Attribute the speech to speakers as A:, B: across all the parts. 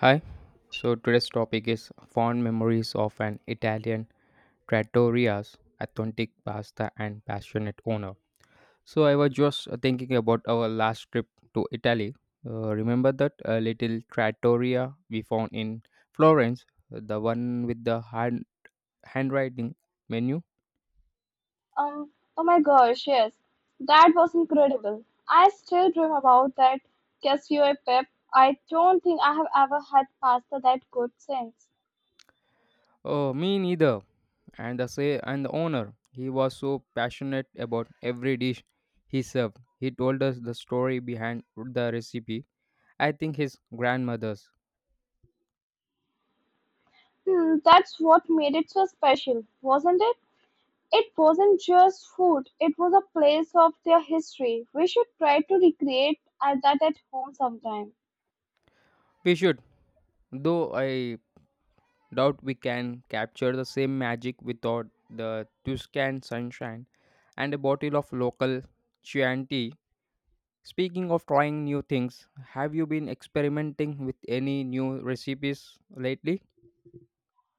A: Hi. So today's topic is fond memories of an Italian trattoria's authentic pasta and passionate owner. So I was just thinking about our last trip to Italy. Remember that little trattoria we found in Florence, the one with the handwriting menu?
B: Um, oh my gosh, yes. That was incredible. I still dream about that cashew pep. I don't think I have ever had pasta that good since.
A: Oh, me neither. And the say and the owner, he was so passionate about every dish he served. He told us the story behind the recipe, I think his grandmother's.
B: Hmm, that's what made it so special, wasn't it? It wasn't just food, it was a place of their history. We should try to recreate that at home sometime.
A: We should, though I doubt we can capture the same magic without the Tuscan sunshine and a bottle of local Chianti. Tea. Speaking of trying new things, have you been experimenting with any new recipes lately?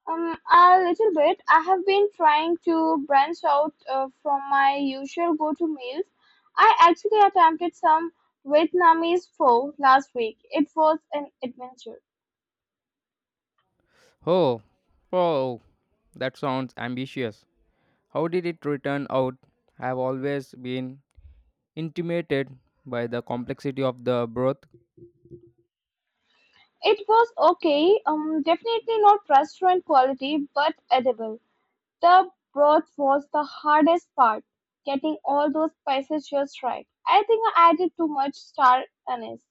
B: A little bit. I have been trying to branch out from my usual go-to meals. I actually attempted some Vietnamese pho last week. It was an adventure.
A: Oh, oh, that sounds ambitious. How did it turn out? I've always been intimidated by the complexity of the broth.
B: It was okay, definitely not restaurant quality, but edible. The broth was the hardest part, getting all those spices just right. I think I added too much star anise.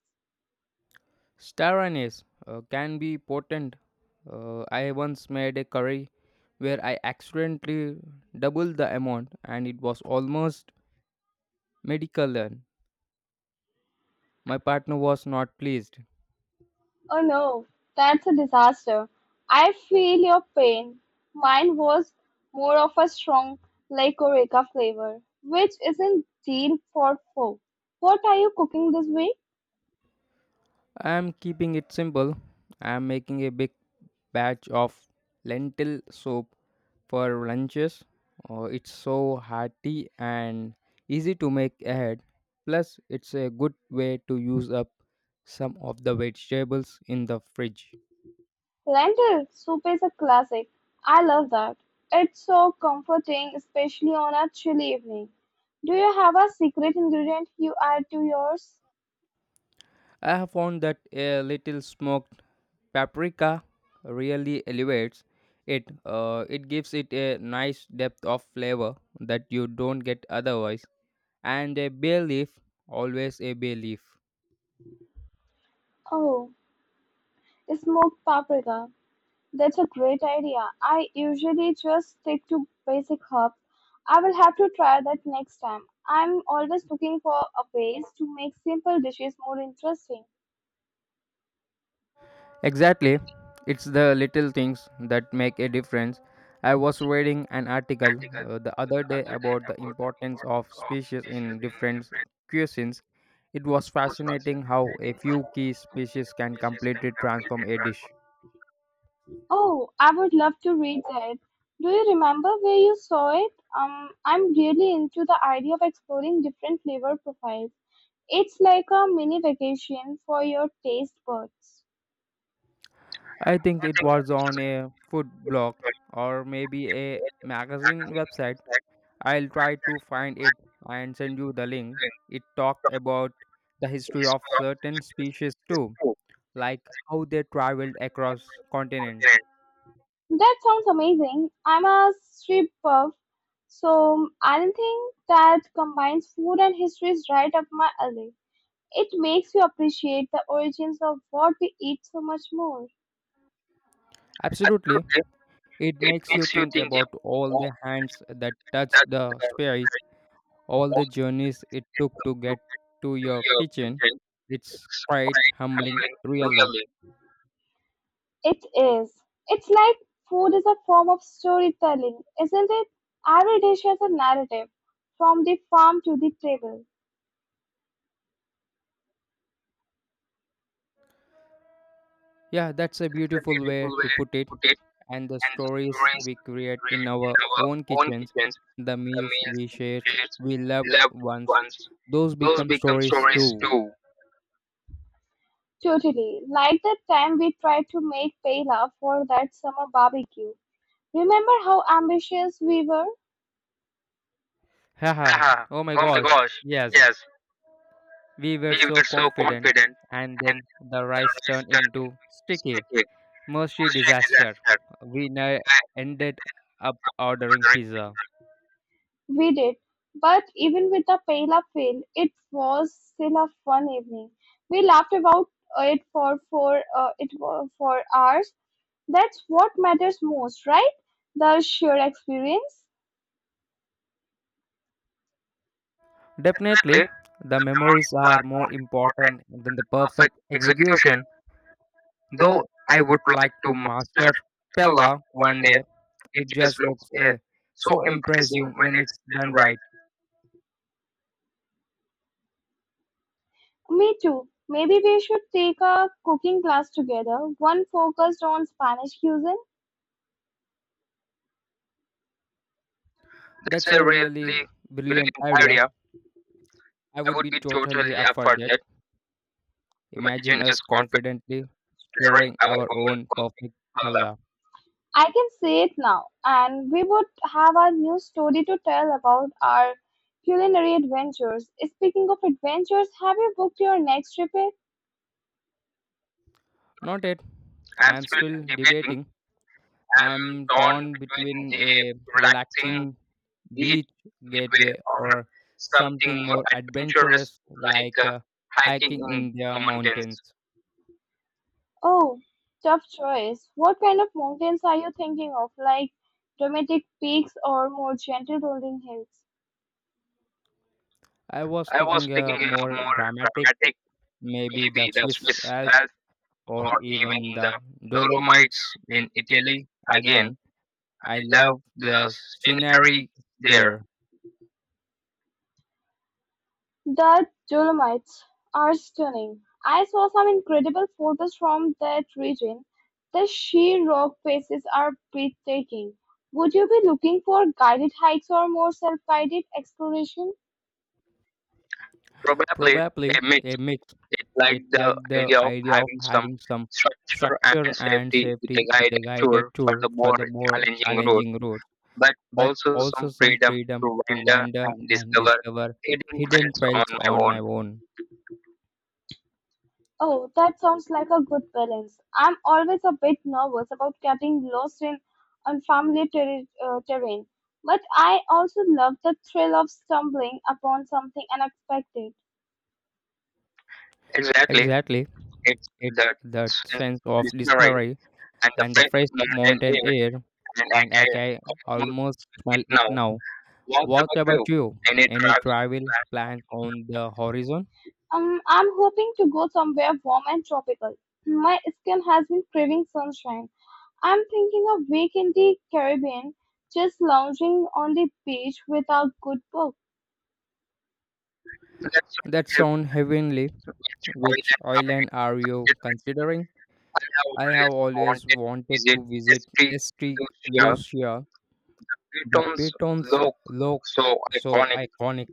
A: Star anise can be potent. I once made a curry where I accidentally doubled the amount, and it was almost medical then. My partner was not pleased.
B: Oh no, that's a disaster. I feel your pain. Mine was more of a strong like Orica flavor, which isn't deal for four. What are you cooking this week?
A: I am keeping it simple. I am making a big batch of lentil soup for lunches. It's so hearty and easy to make ahead. Plus, it's a good way to use up some of the vegetables in the fridge.
B: Lentil soup is a classic. I love that. It's so comforting, especially on a chilly evening. Do you have a secret ingredient you add to yours?
A: I have found that a little smoked paprika really elevates it. It gives it a nice depth of flavor that you don't get otherwise. And a bay leaf, always a bay leaf.
B: Oh, smoked paprika. That's a great idea. I usually just stick to basic herbs. I will have to try that next time. I'm always looking for a ways to make simple dishes more interesting.
A: Exactly. It's the little things that make a difference. I was reading an article the other day about the importance of species in different cuisines. It was fascinating how a few key species can completely transform a dish.
B: Oh, I would love to read that. Do you remember where you saw it? I'm really into the idea of exploring different flavor profiles. It's like a mini vacation for your taste buds.
A: I think it was on a food blog or maybe a magazine website. I'll try to find it and send you the link. It talked about the history of certain species too, like how they traveled across continents.
B: That sounds amazing. I'm a street buff, so anything that combines food and history is right up my alley. It makes you appreciate the origins of what we eat so much more.
A: Absolutely. It makes you think about all the hands that touched the space, all the journeys it took to get to your kitchen. It's quite humbling, really.
B: It is. It's like food is a form of storytelling, isn't it? Every dish has a narrative, from the farm to the table.
A: Yeah, that's a beautiful way to put it. And the stories we create in our own kitchens, the meals we shared, we loved ones, those become stories too.
B: Totally. Like that time we tried to make paella for that summer barbecue. Remember how ambitious we were?
A: Haha, oh my gosh, yes, we were so confident, and then the rice turned into sticky, mushy disaster. We ne- ended up ordering pizza.
B: We did, but even with a pale-up feel, it was still a fun evening. We laughed about it for hours. That's what matters most, right? The sheer experience.
A: Definitely, the memories are more important than the perfect execution. Though I would like to master Pella one day, it just looks so impressive when it's done right.
B: Me too. Maybe we should take a cooking class together, one focused on Spanish cuisine.
A: That's a really brilliant idea. I would be totally up for that. Imagine us confidently stirring our own perfect Pella.
B: I can say it now, and we would have a new story to tell about our culinary adventures. Speaking of adventures, have you booked your next trip yet?
A: Not yet. I am still debating, I'm torn between a relaxing beach gateway or something more adventurous like hiking in the mountains.
B: Oh, tough choice. What kind of mountains are you thinking of? Like dramatic peaks or more gentle rolling hills?
A: I was thinking a more dramatic, maybe the Swiss Alps or even the Dolomites in Italy. Again, I love the scenery there.
B: The Dolomites are stunning. I saw some incredible photos from that region. The sheer rock faces are breathtaking. Would you be looking for guided hikes or more self-guided exploration?
A: Probably a mix. It like the idea of having some structure and safety with a guided tour for the more challenging routes, but also some freedom to wander and discover hidden trails on my own.
B: Oh, that sounds like a good balance. I'm always a bit nervous about getting lost in unfamiliar terri terrain, but I also love the thrill of stumbling upon something unexpected.
A: Exactly. It's that sense of discovery and the fresh mountain air, and I can almost smell it now. What about you? Any travel plans on the horizon?
B: I'm hoping to go somewhere warm and tropical. My skin has been craving sunshine. I'm thinking a week in the Caribbean, just lounging on the beach without good book.
A: That sound heavenly. Which island are you considering? I have always wanted to visit East Lucia. The pitons look so iconic.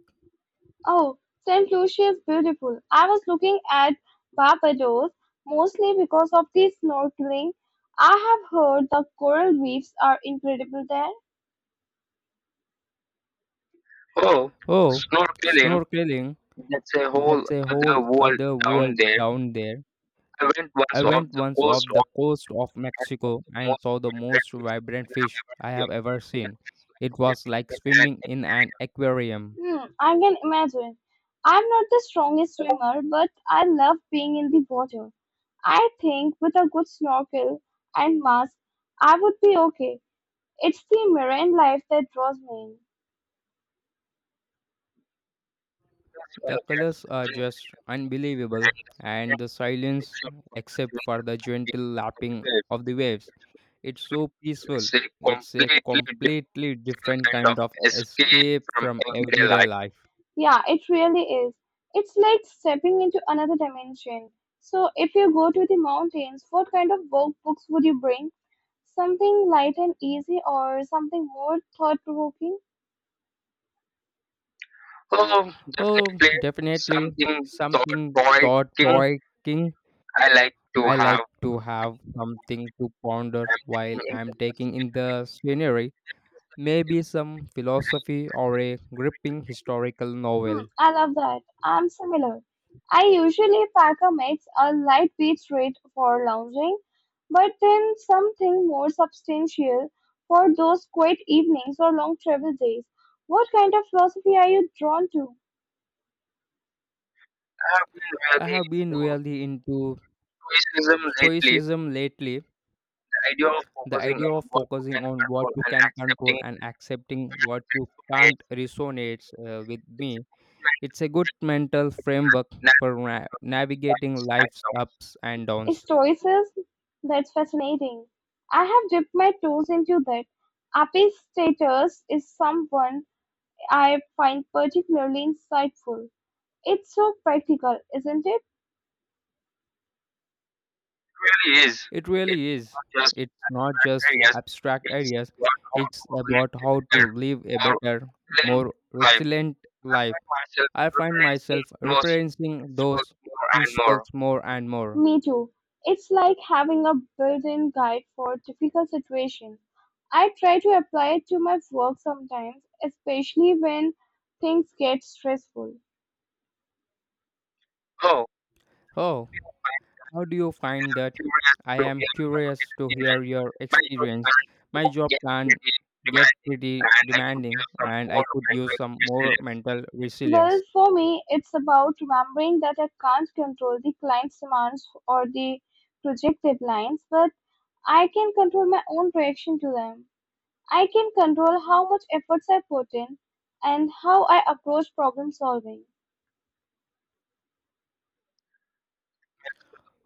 B: Oh, Saint Lucia is beautiful. I was looking at Barbados mostly because of the snorkeling. I have heard the coral reefs are incredible there.
A: Oh, snorkeling, that's a whole other world down there. I went once off the coast of Mexico and saw the most vibrant fish I have ever seen. It was like swimming in an aquarium.
B: Hmm, I can imagine. I'm not the strongest swimmer, but I love being in the water. I think with a good snorkel and mask, I would be okay. It's the marine life that draws me in.
A: The colors are just unbelievable, and the silence, except for the gentle lapping of the waves, it's so peaceful. It's a completely different kind of escape from everyday life.
B: Yeah, it really is. It's like stepping into another dimension. So, if you go to the mountains, what kind of work books would you bring? Something light and easy or something more thought provoking?
A: Oh, definitely something thought provoking. I like to have something to ponder while I'm taking in the scenery. Maybe some philosophy or a gripping historical
B: Hmm,
A: novel.
B: I love that. I'm similar. I usually pack a mix, a lightweight read for lounging, but then something more substantial for those quiet evenings or long travel days. What kind of philosophy are you drawn to?
A: I have been really into stoicism lately. The idea of focusing on what you can control and accepting what you can't resonates with me. It's a good mental framework for navigating life's ups and downs.
B: Stoicism? That's fascinating. I have dipped my toes into that. Epictetus is someone I find particularly insightful. It's so practical, isn't it?
A: It really is. It's not just abstract ideas, it's about how to live a better, more resilient life. I find myself referencing those principles more and more.
B: Me too. It's like having a built-in guide for difficult situations. I try to apply it to my work sometimes, especially when things get stressful.
A: Oh, how do you find that? I am curious to hear your experience. My job can get pretty demanding, and I could use some more mental
B: Well,
A: resilience.
B: for me, it's about remembering that I can't control the client's demands or the project deadlines, but I can control my own reaction to them. I can control how much efforts I put in and how I approach problem solving.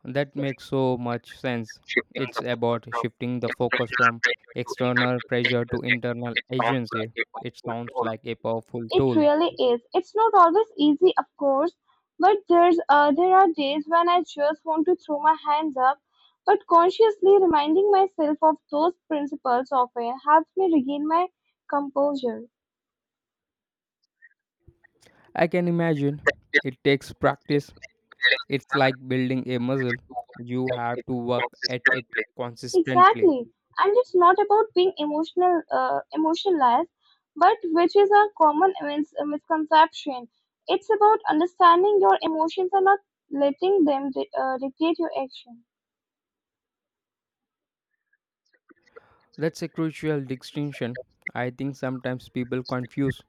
A: That makes so much sense. It's about shifting the focus from external pressure to internal agency. It sounds like a powerful
B: It
A: tool.
B: really is. It's not always easy, of course, but there are days when I just want to throw my hands up. But consciously reminding myself of those principles often helps me regain my composure.
A: I can imagine it takes practice. It's like building a muscle. You have to work at it consistently.
B: Exactly, and it's not about being emotionless, but which is a common misconception. It's about understanding your emotions and not letting them dictate your action.
A: That's a crucial distinction. I think sometimes people confuse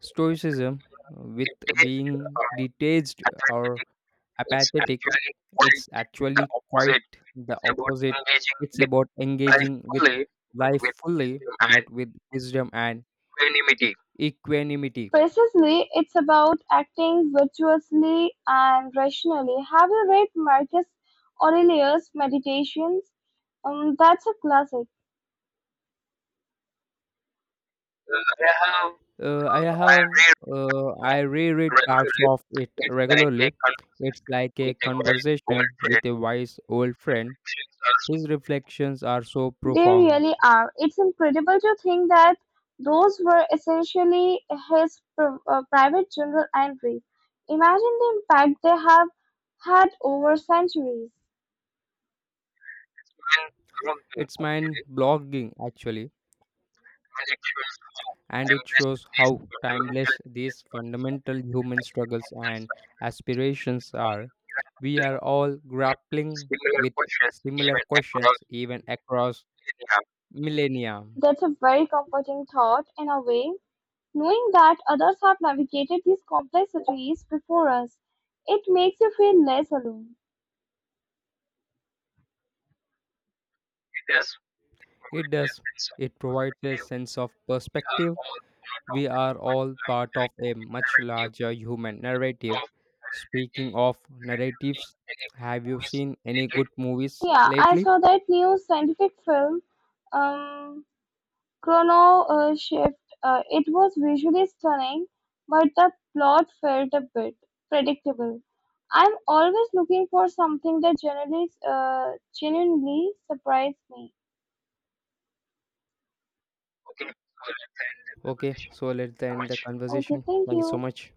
A: stoicism with being detached or apathetic. It's actually quite the opposite. It's about engaging with life fully, but with wisdom and equanimity.
B: Precisely, it's about acting virtuously and rationally. Have you read Marcus Aurelius' Meditations? That's a classic.
A: Uh, I have I reread parts of it regularly. It's like a conversation with a wise old friend. His reflections are so
B: They
A: profound.
B: really are. It's incredible to think that those were essentially his private journal entries. Imagine the impact they have had over centuries.
A: It's mind blogging, actually, and it shows how timeless these fundamental human struggles and aspirations are. We are all grappling with similar questions even across millennia.
B: That's a very comforting thought, in a way, knowing that others have navigated these complexities before us. It makes you feel less alone.
A: It does, it provides a sense of perspective. We are all part of a much larger human narrative. Speaking of narratives, have you seen any good movies
B: Yeah, I
A: lately?
B: saw that new scientific film. Um, ChronoShift, it was visually stunning, but the plot felt a bit predictable. I'm always looking for something that generally genuinely surprised me.
A: Okay, so let's end the
B: Okay,
A: conversation.
B: thank
A: Thank you so
B: you.
A: much.